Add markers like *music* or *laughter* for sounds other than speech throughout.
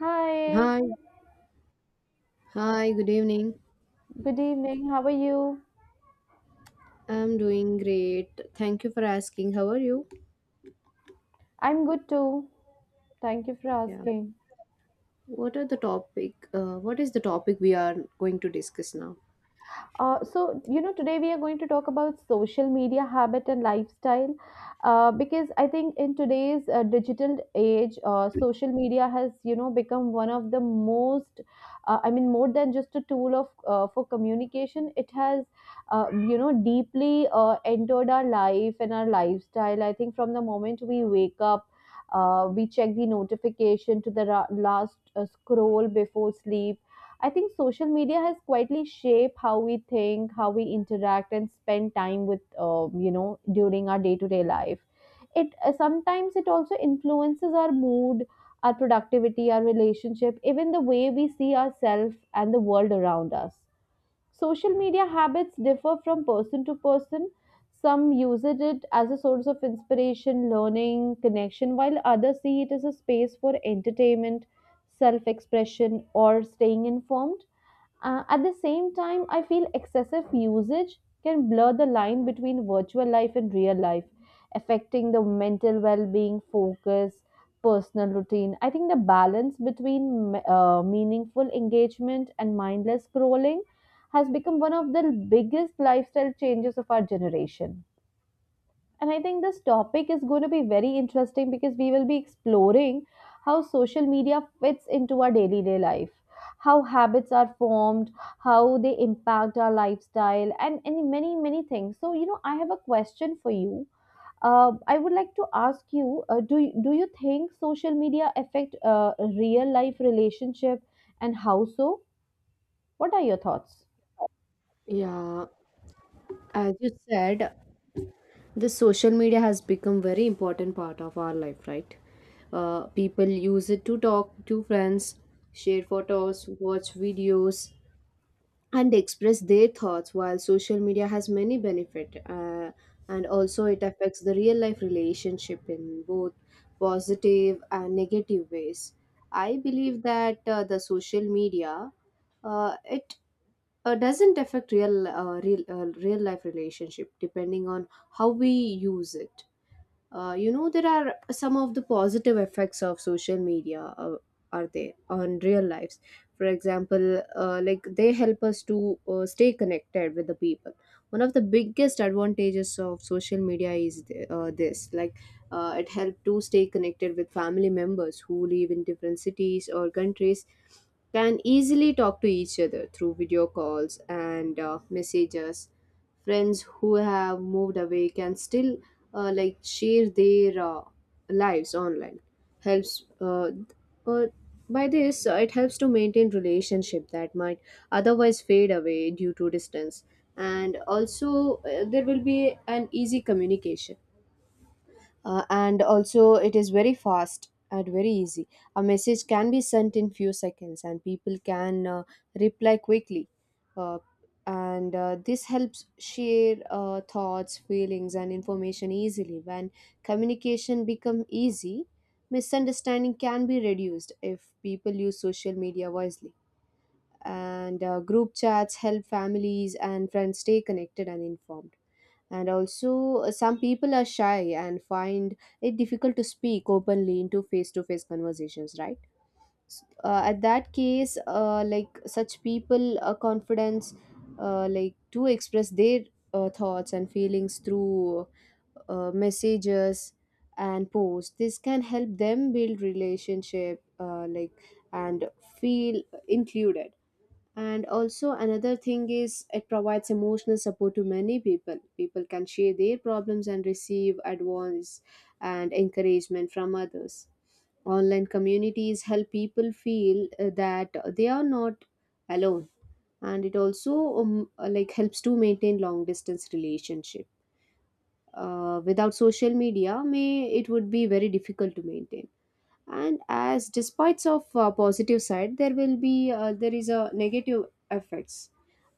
Hi, Hi, hi, good evening. good evening. How are you? I'm doing great. Thank you for asking. How are you? I'm good too. Thank you for Yeah. asking. What are the topic? What is the topic we are going to discuss now? Today we are going to talk about social media habit and lifestyle because I think in today's digital age, social media has, you know, become one of the most, more than just a tool of for communication. It has, you know, deeply entered our life and our lifestyle. I think from the moment we wake up, we check the notification to the last scroll before sleep. I think social media has quietly shaped how we think, how we interact, and spend time with, during our day to day life. It Sometimes it also influences our mood, our productivity, our relationship, even the way we see ourselves and the world around us. Social media habits differ from person to person. Some use it as a source of inspiration, learning, connection, while others see it as a space for entertainment, self expression, or staying informed. At the same time, I feel excessive usage can blur the line between virtual life and real life, affecting the mental well being, focus, personal routine. I think the balance between meaningful engagement and mindless scrolling has become one of the biggest lifestyle changes of our generation. And I think this topic is going to be very interesting because we will be exploring how social media fits into our daily day life, how habits are formed, how they impact our lifestyle, and many, many things. So, you know, I have a question for you. I would like to ask you, do you think social media affect real life relationship and how so? What are your thoughts? Yeah, as you said, the social media has become very important part of our life, right? People use it to talk to friends, share photos, watch videos, and express their thoughts while social media has many benefit, and also it affects the real life relationship in both positive and negative ways. I believe that the social media, it doesn't affect real life relationship depending on how we use it. You know, there are some of the positive effects of social media are they on real lives. For example, like they help us to stay connected with the people. One of the biggest advantages of social media is this like, it helped to stay connected with family members who live in different cities or countries. Can easily talk to each other through video calls and messages. Friends who have moved away can still like share their lives online. Helps uh, uh, by this uh, it helps to maintain relationship that might otherwise fade away due to distance. And also there will be an easy communication, and also, it is very fast and very easy. A message can be sent in few seconds, and people can reply quickly. Uh, and this helps share thoughts, feelings, and information easily. When communication become easy, misunderstanding can be reduced if people use social media wisely. And group chats help families and friends stay connected and informed. And also, some people are shy and find it difficult to speak openly into face to face conversations, right? At that case, like such people, confidence, like to express their thoughts and feelings through messages and posts. This can help them build relationship, like, and feel included. And also another thing is it provides emotional support to many people. People can share their problems and receive advice and encouragement from others. Online communities help people feel that they are not alone. And it also um, like helps to maintain long distance relationship. Without social media may it would be very difficult to maintain. And as despite of positive side there will be there is a negative effects.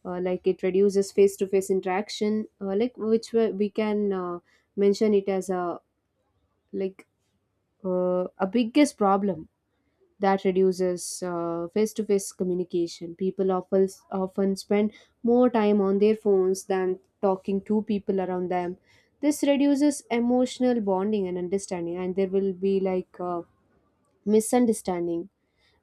Like it reduces face-to-face interaction, like which we can mention it as a like, a biggest problem that reduces face-to-face communication. People often spend more time on their phones than talking to people around them. This reduces emotional bonding and understanding, and there will be like misunderstanding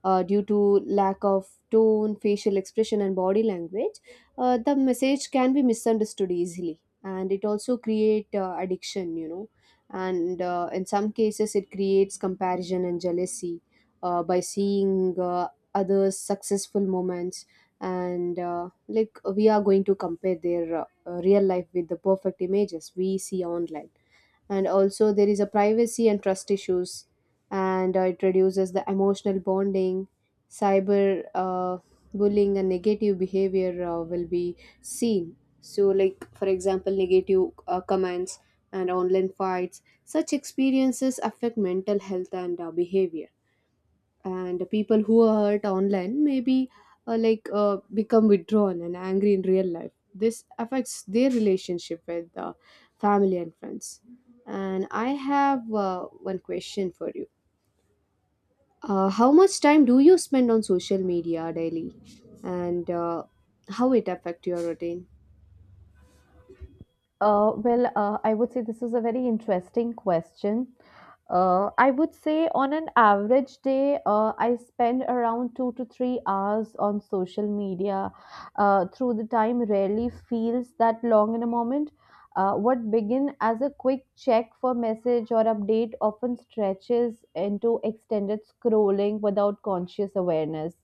due to lack of tone, facial expression, and body language. The message can be misunderstood easily, and it also create addiction. You know, and in some cases, it creates comparison and jealousy by seeing others' successful moments. And like we are going to compare their real life with the perfect images we see online. And also there is a privacy and trust issues. And it reduces the emotional bonding. Cyber bullying and negative behavior will be seen. So like for example negative comments and online fights, such experiences affect mental health and behavior. And people who are hurt online maybe like become withdrawn and angry in real life. This affects their relationship with family and friends. And I have one question for you. How much time do you spend on social media daily, and how it affect your routine? I would say this is a very interesting question. I would say on an average day, I spend around 2 to 3 hours on social media. Through the time, rarely feels that long in a moment. What began as a quick check for message or update often stretches into extended scrolling without conscious awareness.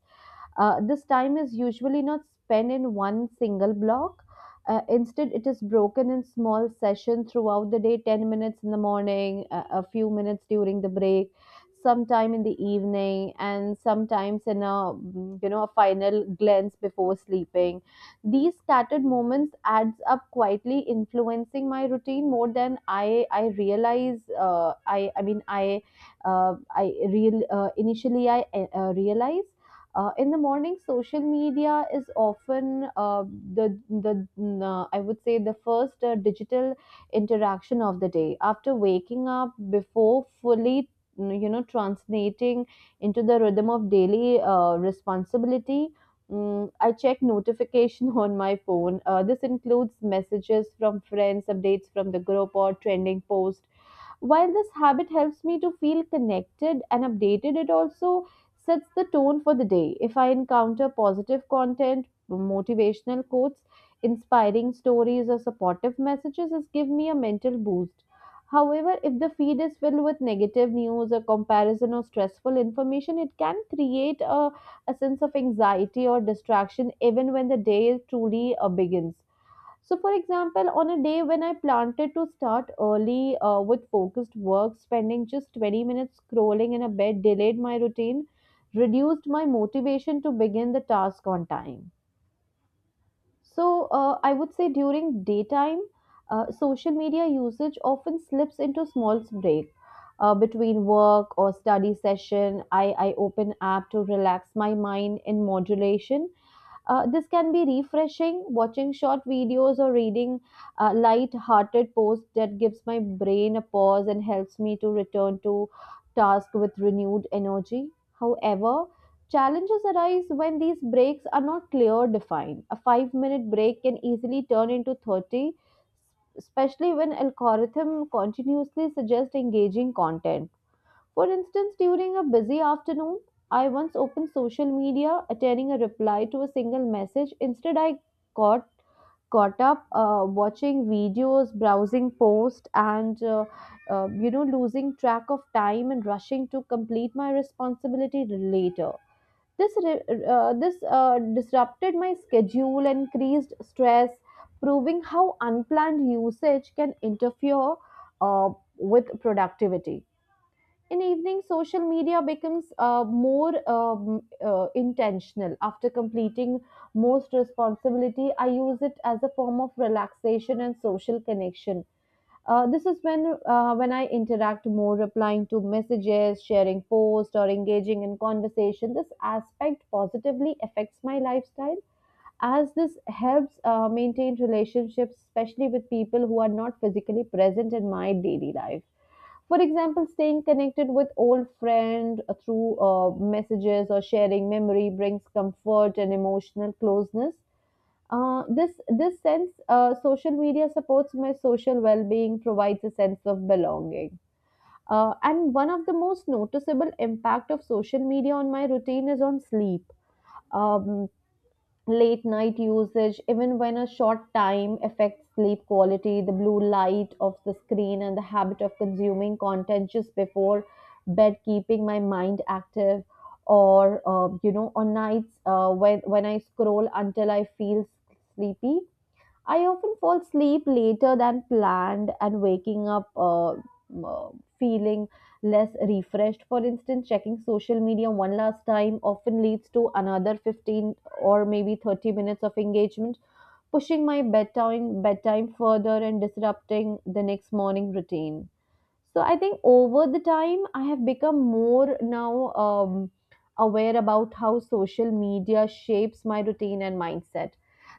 This time is usually not spent in one single block. Instead, it is broken in small sessions throughout the day 10 minutes in the morning, a few minutes during the break, sometime in the evening, and sometimes in a a final glance before sleeping. These scattered moments adds up quietly, influencing my routine more than I realize. I mean I real Initially I realize. In the morning, social media is often I would say the first digital interaction of the day. After waking up, before fully translating into the rhythm of daily responsibility. I check notification *laughs* on my phone. This includes messages from friends, updates from the group, or trending posts. While this habit helps me to feel connected and updated, it also sets the tone for the day. If I encounter positive content, motivational quotes, inspiring stories, or supportive messages, it gives me a mental boost. However, if the feed is filled with negative news or comparison or stressful information, it can create a sense of anxiety or distraction even when the day truly begins. So, for example, on a day when I planted to start early with focused work, spending just 20 minutes scrolling in a bed delayed my routine, reduced my motivation to begin the task on time. So, I would say during daytime, social media usage often slips into small break. Between work or study session, I open app to relax my mind in modulation. This can be refreshing, watching short videos or reading light-hearted posts that gives my brain a pause and helps me to return to task with renewed energy. However, challenges arise when these breaks are not clear defined. A five-minute break can easily turn into 30, especially when algorithm continuously suggest engaging content. For instance, during a busy afternoon, I once opened social media, attending a reply to a single message. Instead, I got caught up watching videos, browsing posts, and losing track of time and rushing to complete my responsibility later. This re- this disrupted my schedule, increased stress, proving how unplanned usage can interfere uh, with productivity. In evening social media becomes more intentional after completing most responsibility. I use it as a form of relaxation and social connection. This is when I interact more, replying to messages, sharing posts, or engaging in conversation. This aspect positively affects my lifestyle as this helps maintain relationships, especially with people who are not physically present in my daily life. For example, staying connected with old friend through messages or sharing memory brings comfort and emotional closeness. This this sense Social media supports my social well-being, provides a sense of belonging. And one of the most noticeable impact of social media on my routine is on sleep. um, Late night usage, even when a short time, affects sleep quality. The blue light of the screen and the habit of consuming content just before bed, keeping my mind active. Or on nights when I scroll until I feel sleepy, I often fall asleep later than planned and waking up feeling less refreshed. For instance, checking social media one last time often leads to another 15 or maybe 30 minutes of engagement, pushing my bedtime further and disrupting the next morning routine. So I think over the time I have become more now aware about how social media shapes my routine and mindset.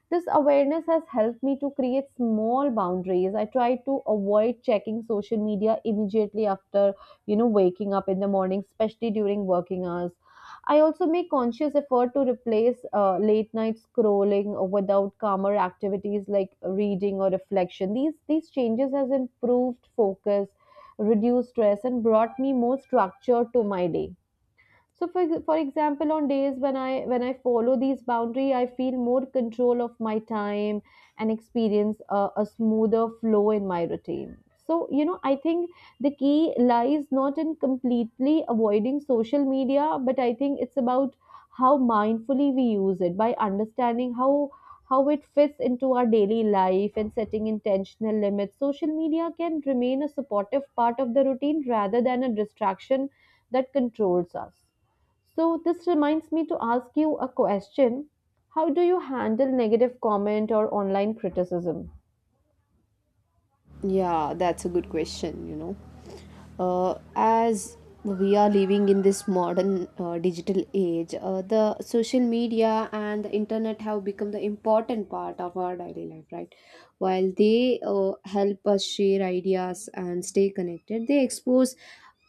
This awareness has helped me to create small boundaries. I try to avoid checking social media immediately after, you know, waking up in the morning, especially during working hours. I also make conscious effort to replace late night scrolling without calmer activities like reading or reflection. These changes has improved focus, reduced stress, and brought me more structure to my day. So for example, on days when I follow these boundary, I feel more control of my time and experience a smoother flow in my routine. So, you know, I think the key lies not in completely avoiding social media, but I think it's about how mindfully we use it. By understanding how it fits into our daily life and setting intentional limits, social media can remain a supportive part of the routine rather than a distraction that controls us. So this reminds me to ask you a question. How do you handle negative comment or online criticism? Yeah, that's a good question, you know. As we are living in this modern digital age, the social media and the internet have become the important part of our daily life, right? While they help us share ideas and stay connected, they expose,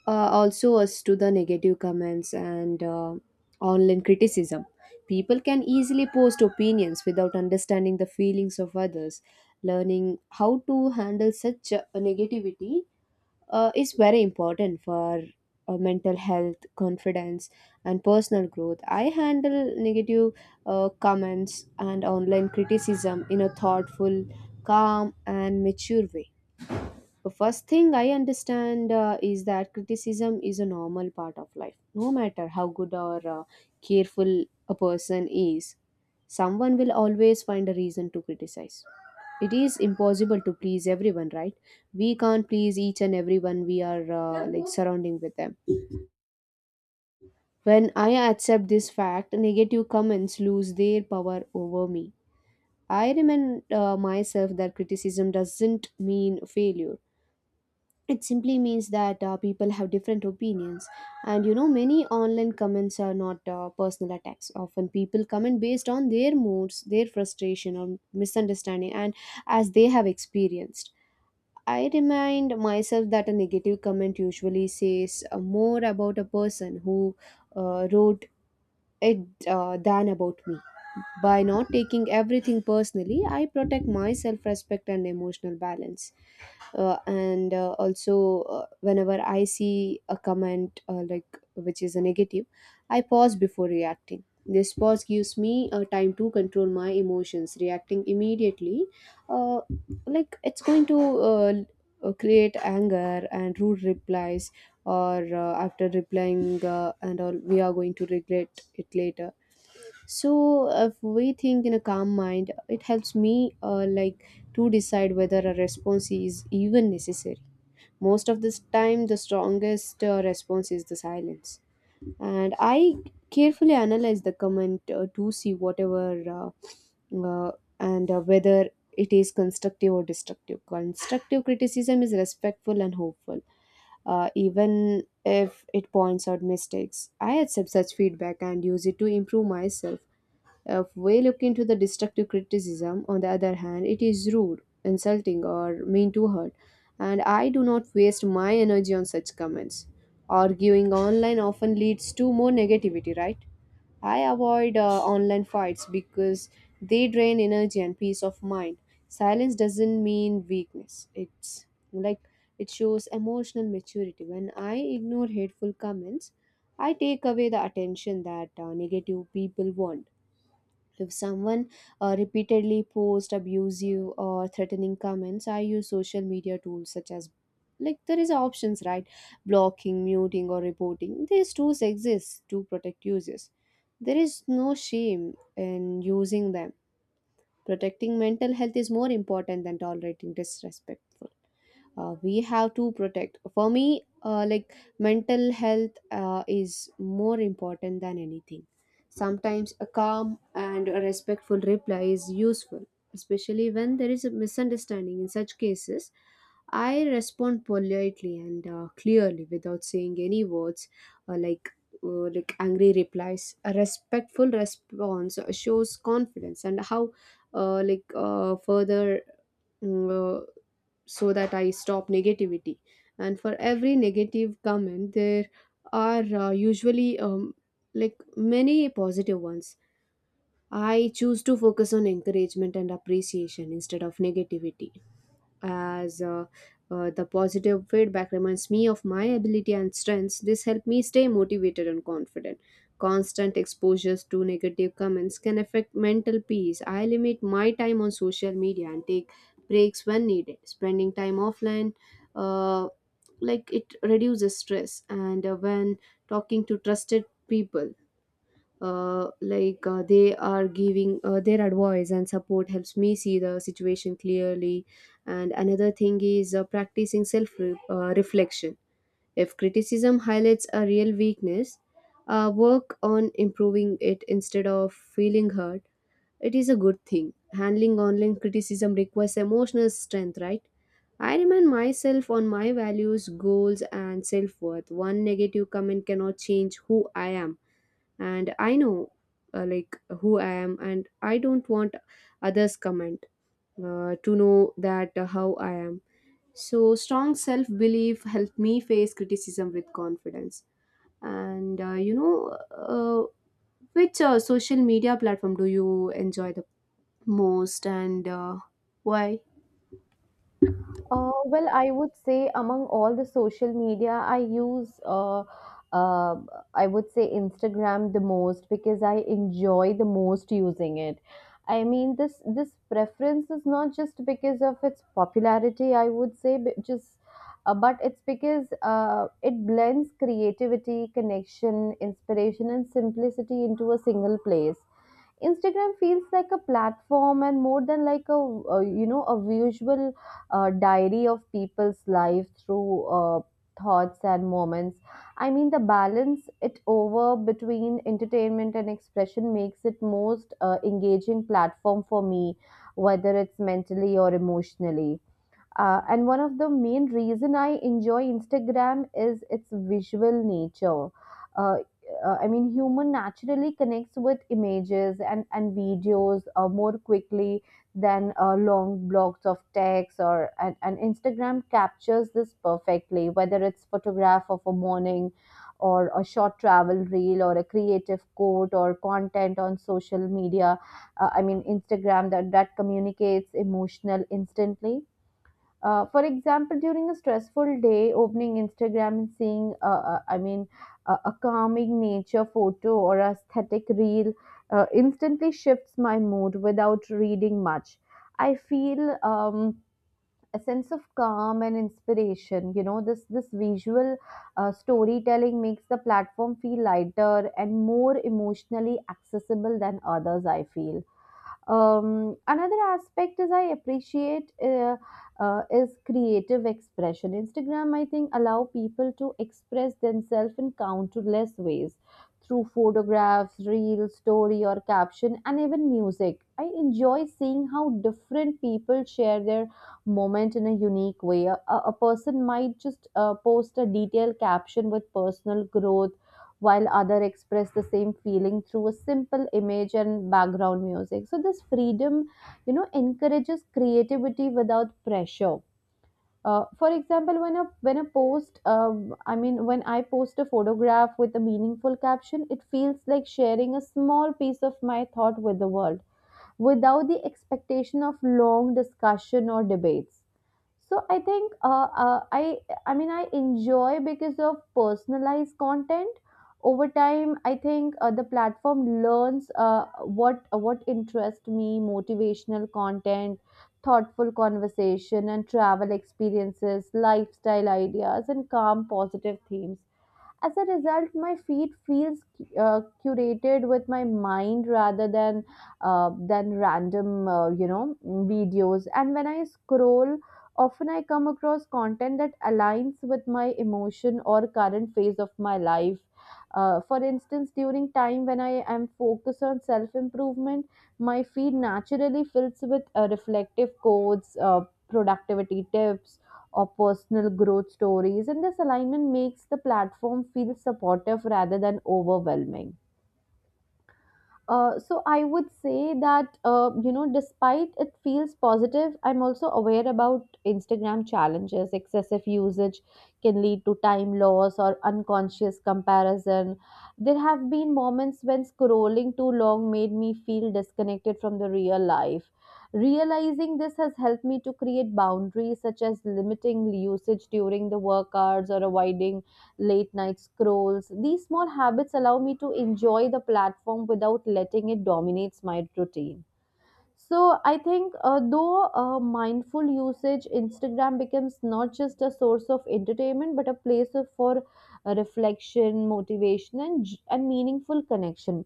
also us, to the negative comments and online criticism. People can easily post opinions without understanding the feelings of others. Learning how to handle such negativity is very important for mental health, confidence, and personal growth. I handle negative comments and online criticism in a thoughtful, calm, and mature way. The first thing I understand is that criticism is a normal part of life, no matter how good or careful a person is. Someone will always find a reason to criticize. It is impossible to please everyone, right? We can't please each and everyone we are like surrounding with them. When I accept this fact, negative comments lose their power over me. I remind myself that criticism doesn't mean failure. It simply means that people have different opinions. And you know many online comments are not personal attacks. Often people comment based on their moods, their frustration, or misunderstanding. And as they have experienced, I remind myself that a negative comment usually says more about a person who wrote it than about me. By not taking everything personally, I protect myself, respect, and emotional balance. And also, whenever I see a comment, like which is a negative, I pause before reacting. This pause gives me time to control my emotions. Reacting immediately, uh, like it's going to create anger and rude replies, or after replying and all, we are going to regret it later. So if we think in a calm mind, it helps me like to decide whether a response is even necessary. Most of this time, the strongest response is the silence, and I carefully analyze the comment to see whatever, uh, uh, and whether it is constructive or destructive. Constructive criticism is respectful and hopeful, even if it points out mistakes. I accept such feedback and use it to improve myself. If we look into the destructive criticism, on the other hand, it is rude, insulting, or mean to hurt, and I do not waste my energy on such comments. Arguing online often leads to more negativity, right? I avoid online fights because they drain energy and peace of mind. Silence doesn't mean weakness. It's like, it shows emotional maturity. When I ignore hateful comments, I take away the attention that negative people want. If someone repeatedly posts abusive or threatening comments, I use social media tools such as, like there is options, right, blocking, muting, or reporting. These tools exist to protect users. There is no shame in using them. Protecting mental health is more important than tolerating disrespectful. We have to protect. For me, like mental health is more important than anything. Sometimes a calm and a respectful reply is useful, especially when there is a misunderstanding. In such cases, I respond politely and clearly without saying any words, like, like angry replies. A respectful response shows confidence and how, like further mm, uh, so that I stop negativity. And for every negative comment, there are usually like many positive ones. I choose to focus on encouragement and appreciation instead of negativity. As The positive feedback reminds me of my ability and strengths. This helped me stay motivated and confident. Constant exposures to negative comments can affect mental peace. I limit my time on social media and take breaks when needed. Spending time offline, uh, like it reduces stress. And when talking to trusted people, like they are giving their advice and support helps me see the situation clearly. And another thing is practicing self reflection. If criticism highlights a real weakness, work on improving it instead of feeling hurt. It is a good thing. Handling online criticism requires emotional strength, right? I remind myself on my values, goals, and self worth. One negative comment cannot change who I am. And I know like who I am, and I don't want others comment to know that how I am. So strong self belief helped me face criticism with confidence. And which social media platform do you enjoy the most, and why? I would say among all the social media, I use, uh, I would say Instagram the most because I enjoy the most using it. I mean, this preference is not just because of its popularity, I would say, but just, but it's because it blends creativity, connection, inspiration, and simplicity into a single place. Instagram feels like a platform and more than like a a visual diary of people's life through thoughts and moments. I mean the balance it over between entertainment and expression makes it most engaging platform for me, whether it's mentally or emotionally. And one of the main reason I enjoy Instagram is its visual nature. Uh, Human naturally connects with images and videos more quickly than long blocks of text or and Instagram captures this perfectly, whether it's photograph of a morning or a short travel reel or a creative quote or content on social media. Instagram that communicates emotional instantly. For example, during a stressful day, opening Instagram and seeing, a calming nature photo or aesthetic reel instantly shifts my mood without reading much. I feel a sense of calm and inspiration. You know, this visual storytelling makes the platform feel lighter and more emotionally accessible than others. I feel another aspect is I appreciate is creative expression. Instagram, I think, allow people to express themselves in countless ways through photographs, reels, story, or caption, and even music. I enjoy seeing how different people share their moment in a unique way. A person might just post a detailed caption with personal growth while other express the same feeling through a simple image and background music, so this freedom encourages creativity without pressure. Uh, for example, when a post I mean when I post a photograph with a meaningful caption, it feels like sharing a small piece of my thought with the world without the expectation of long discussion or debates. So I think I enjoy because of personalized content. Over time, I think the platform learns what interests me: motivational content, thoughtful conversation, and travel experiences, lifestyle ideas, and calm positive themes. As a result, my feed feels curated with my mind rather than than random videos. And when I scroll, often I come across content that aligns with my emotion or current phase of my life. Uh, for instance, during time when I am focused on self improvement, my feed naturally fills with reflective quotes, productivity tips, or personal growth stories, and this alignment makes the platform feel supportive rather than overwhelming. So I would say that, you know, despite it feels positive, I'm also aware about Instagram challenges. Excessive usage can lead to time loss or unconscious comparison. There have been moments when scrolling too long made me feel disconnected from the real life. Realizing this has helped me to create boundaries such as limiting usage during the work hours or avoiding late night scrolls. These small habits allow me to enjoy the platform without letting it dominate my routine. So I think, though mindful usage, Instagram becomes not just a source of entertainment but a place of, for reflection, motivation, and meaningful connection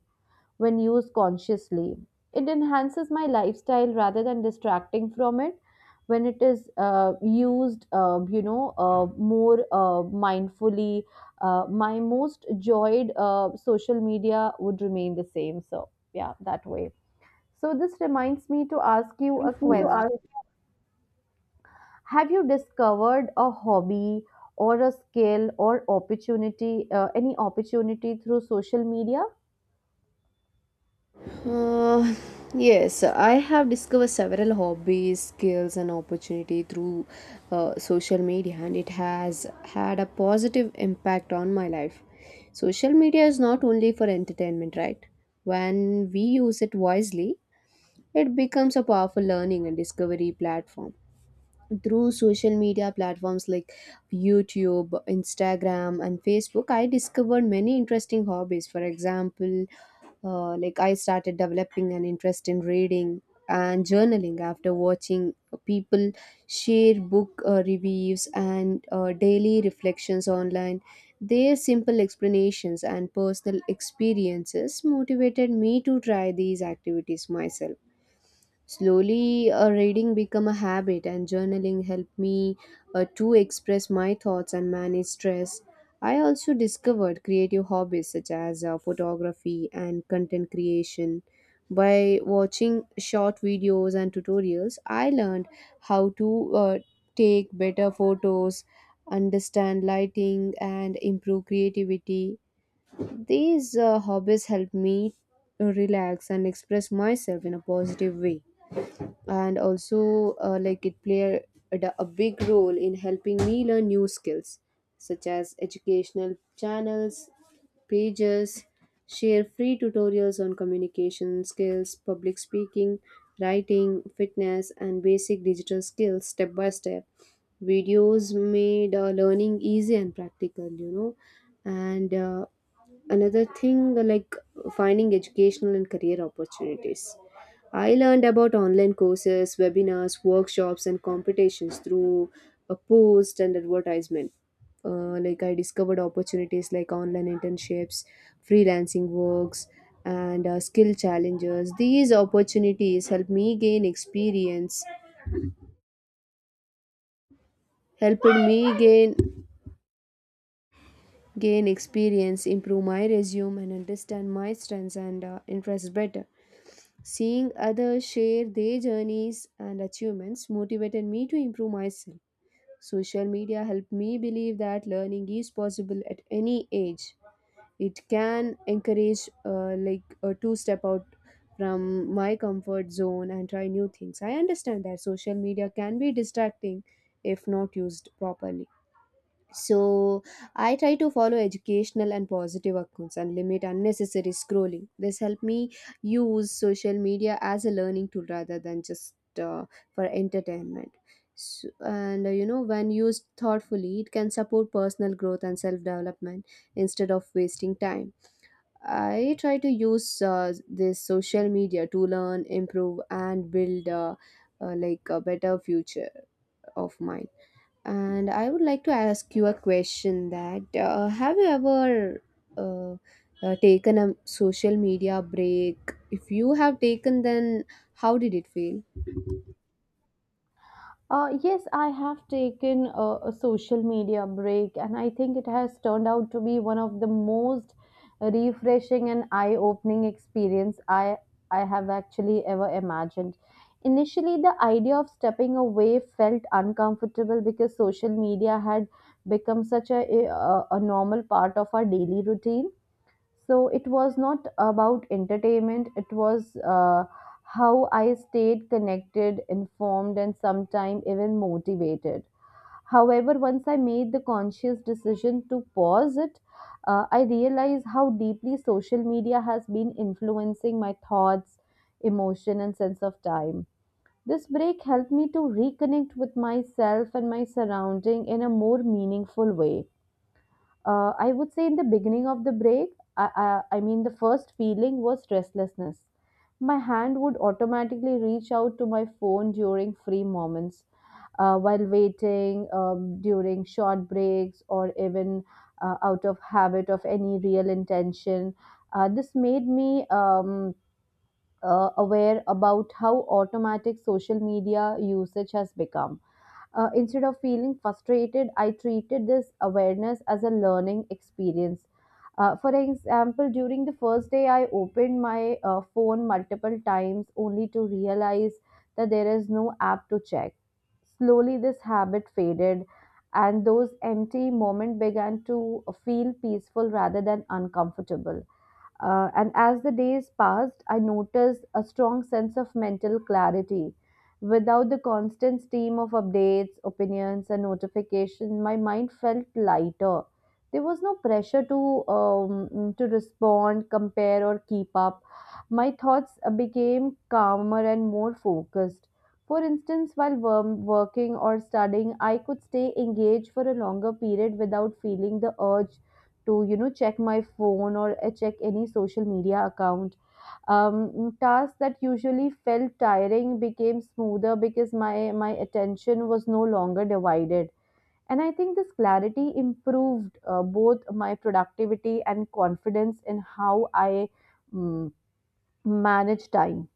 when used consciously. It enhances my lifestyle rather than distracting from it when it is used, you know, more mindfully. My most enjoyed social media would remain the same. So, yeah, that way. So, this reminds me to ask you I a to Yeah. question. Have you discovered a hobby or a skill or opportunity, any opportunity through social media? Uh, yes, I have discovered several hobbies, skills, and opportunity through social media, and it has had a positive impact on my life. Social media is not only for entertainment, right? When we use it wisely, it becomes a powerful learning and discovery platform. Through social media platforms like YouTube, Instagram, and Facebook, I discovered many interesting hobbies. For example, like I started developing an interest in reading and journaling after watching people share book reviews and daily reflections online. Their simple explanations and personal experiences motivated me to try these activities myself. Slowly, reading became a habit, and journaling helped me to express my thoughts and manage stress. I also discovered creative hobbies such as photography and content creation. By watching short videos and tutorials, I learned how to take better photos, understand lighting, and improve creativity. These hobbies help me relax and express myself in a positive way. And also like it played a big role in helping me learn new skills, such as educational channels, pages, share free tutorials on communication skills, public speaking, writing, fitness, and basic digital skills. Step by step videos made learning easy and practical, you know. And another thing like finding educational and career opportunities. I learned about online courses, webinars, workshops, and competitions through a post and advertisement. Like I discovered opportunities like online internships, freelancing works, and skill challenges. These opportunities helped me gain experience, helped me gain experience, improve my resume, and understand my strengths and interests better. Seeing others share their journeys and achievements motivated me to improve myself. Social media helped me believe that learning is possible at any age. It can encourage like a two step out from my comfort zone and try new things. I understand that social media can be distracting if not used properly. So I try to follow educational and positive accounts and limit unnecessary scrolling. This helped me use social media as a learning tool rather than just for entertainment. So, and you know, when used thoughtfully, it can support personal growth and self development instead of wasting time. I try to use this social media to learn, improve, and build like a better future of mine. And I would like to ask you a question that, have you ever uh, taken a social media break? If you have taken, then how did it feel? Yes, I have taken a social media break, and I think it has turned out to be one of the most refreshing and eye-opening experience I have actually ever imagined. Initially, the idea of stepping away felt uncomfortable because social media had become such a normal part of our daily routine. So it was not about entertainment, it was, how I stayed connected, informed, and sometimes even motivated. However, once I made the conscious decision to pause it, I realized how deeply social media has been influencing my thoughts, emotion, and sense of time. This break helped me to reconnect with myself and my surrounding in a more meaningful way. I would say in the beginning of the break, I, the first feeling was restlessness. My hand would automatically reach out to my phone during free moments, while waiting, during short breaks, or even out of habit of any real intention. This made me aware about how automatic social media usage has become. Instead of feeling frustrated, I treated this awareness as a learning experience. For example, during the first day, I opened my phone multiple times only to realize that there is no app to check. Slowly, this habit faded, and those empty moments began to feel peaceful rather than uncomfortable. And as the days passed, I noticed a strong sense of mental clarity. Without the constant stream of updates, opinions, and notifications, my mind felt lighter. There was no pressure to, to respond, compare, or keep up. My thoughts became calmer and more focused. For instance, while working or studying, I could stay engaged for a longer period without feeling the urge to, check my phone or check any social media account. Tasks that usually felt tiring became smoother because my attention was no longer divided, and I think this clarity improved both my productivity and confidence in how I mm, manage time.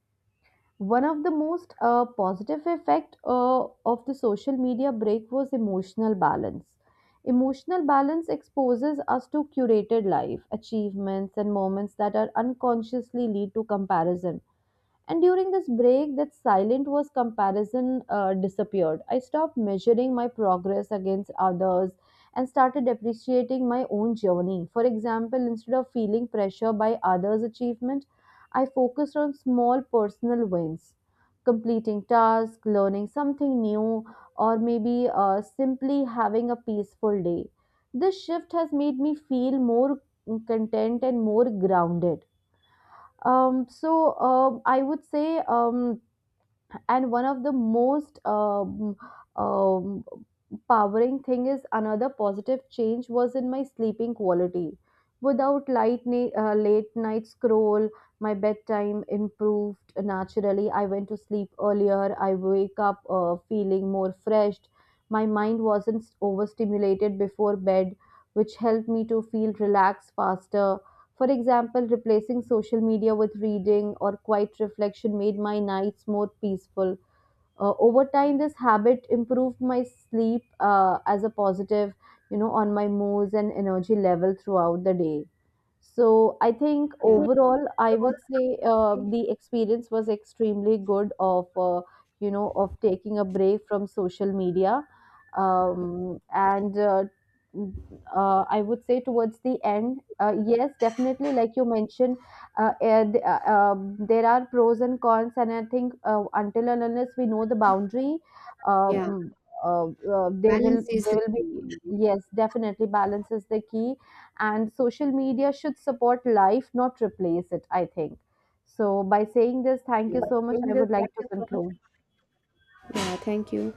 One of the most positive effect of the social media break was emotional balance. Emotional balance exposes us to curated life, achievements, and moments that are unconsciously lead to comparison, and during this break, that silent was comparison disappeared. I stopped measuring my progress against others and started appreciating my own journey. For example, instead of feeling pressure by others' achievement, I focused on small personal wins, completing tasks, learning something new, or maybe simply having a peaceful day. This shift has made me feel more content and more grounded. I would say, and one of the most um, powering thing is another positive change was in my sleeping quality. Without late night scroll, my bedtime improved naturally. I went to sleep earlier. I wake up feeling more freshed. My mind wasn't overstimulated before bed, which helped me to feel relaxed faster. For example, replacing social media with reading or quiet reflection made my nights more peaceful. Over time, this habit improved my sleep as a positive, you know, on my moods and energy level throughout the day. So I think I Yeah, think overall, we I all would say think the experience was extremely good of, you know, of taking a break from social media, um, and uh, mm, I would say towards the end, yes, definitely, like you mentioned, there are pros and cons, and I think until and unless we know the boundary, yeah. um, they will Balance is they the will be, key. yes, definitely balance is the key, and social media should support life, not replace it, I think. So, by saying this, thank Yeah, you by so much. showing I this would like to practice so much, conclude. yeah. Thank you.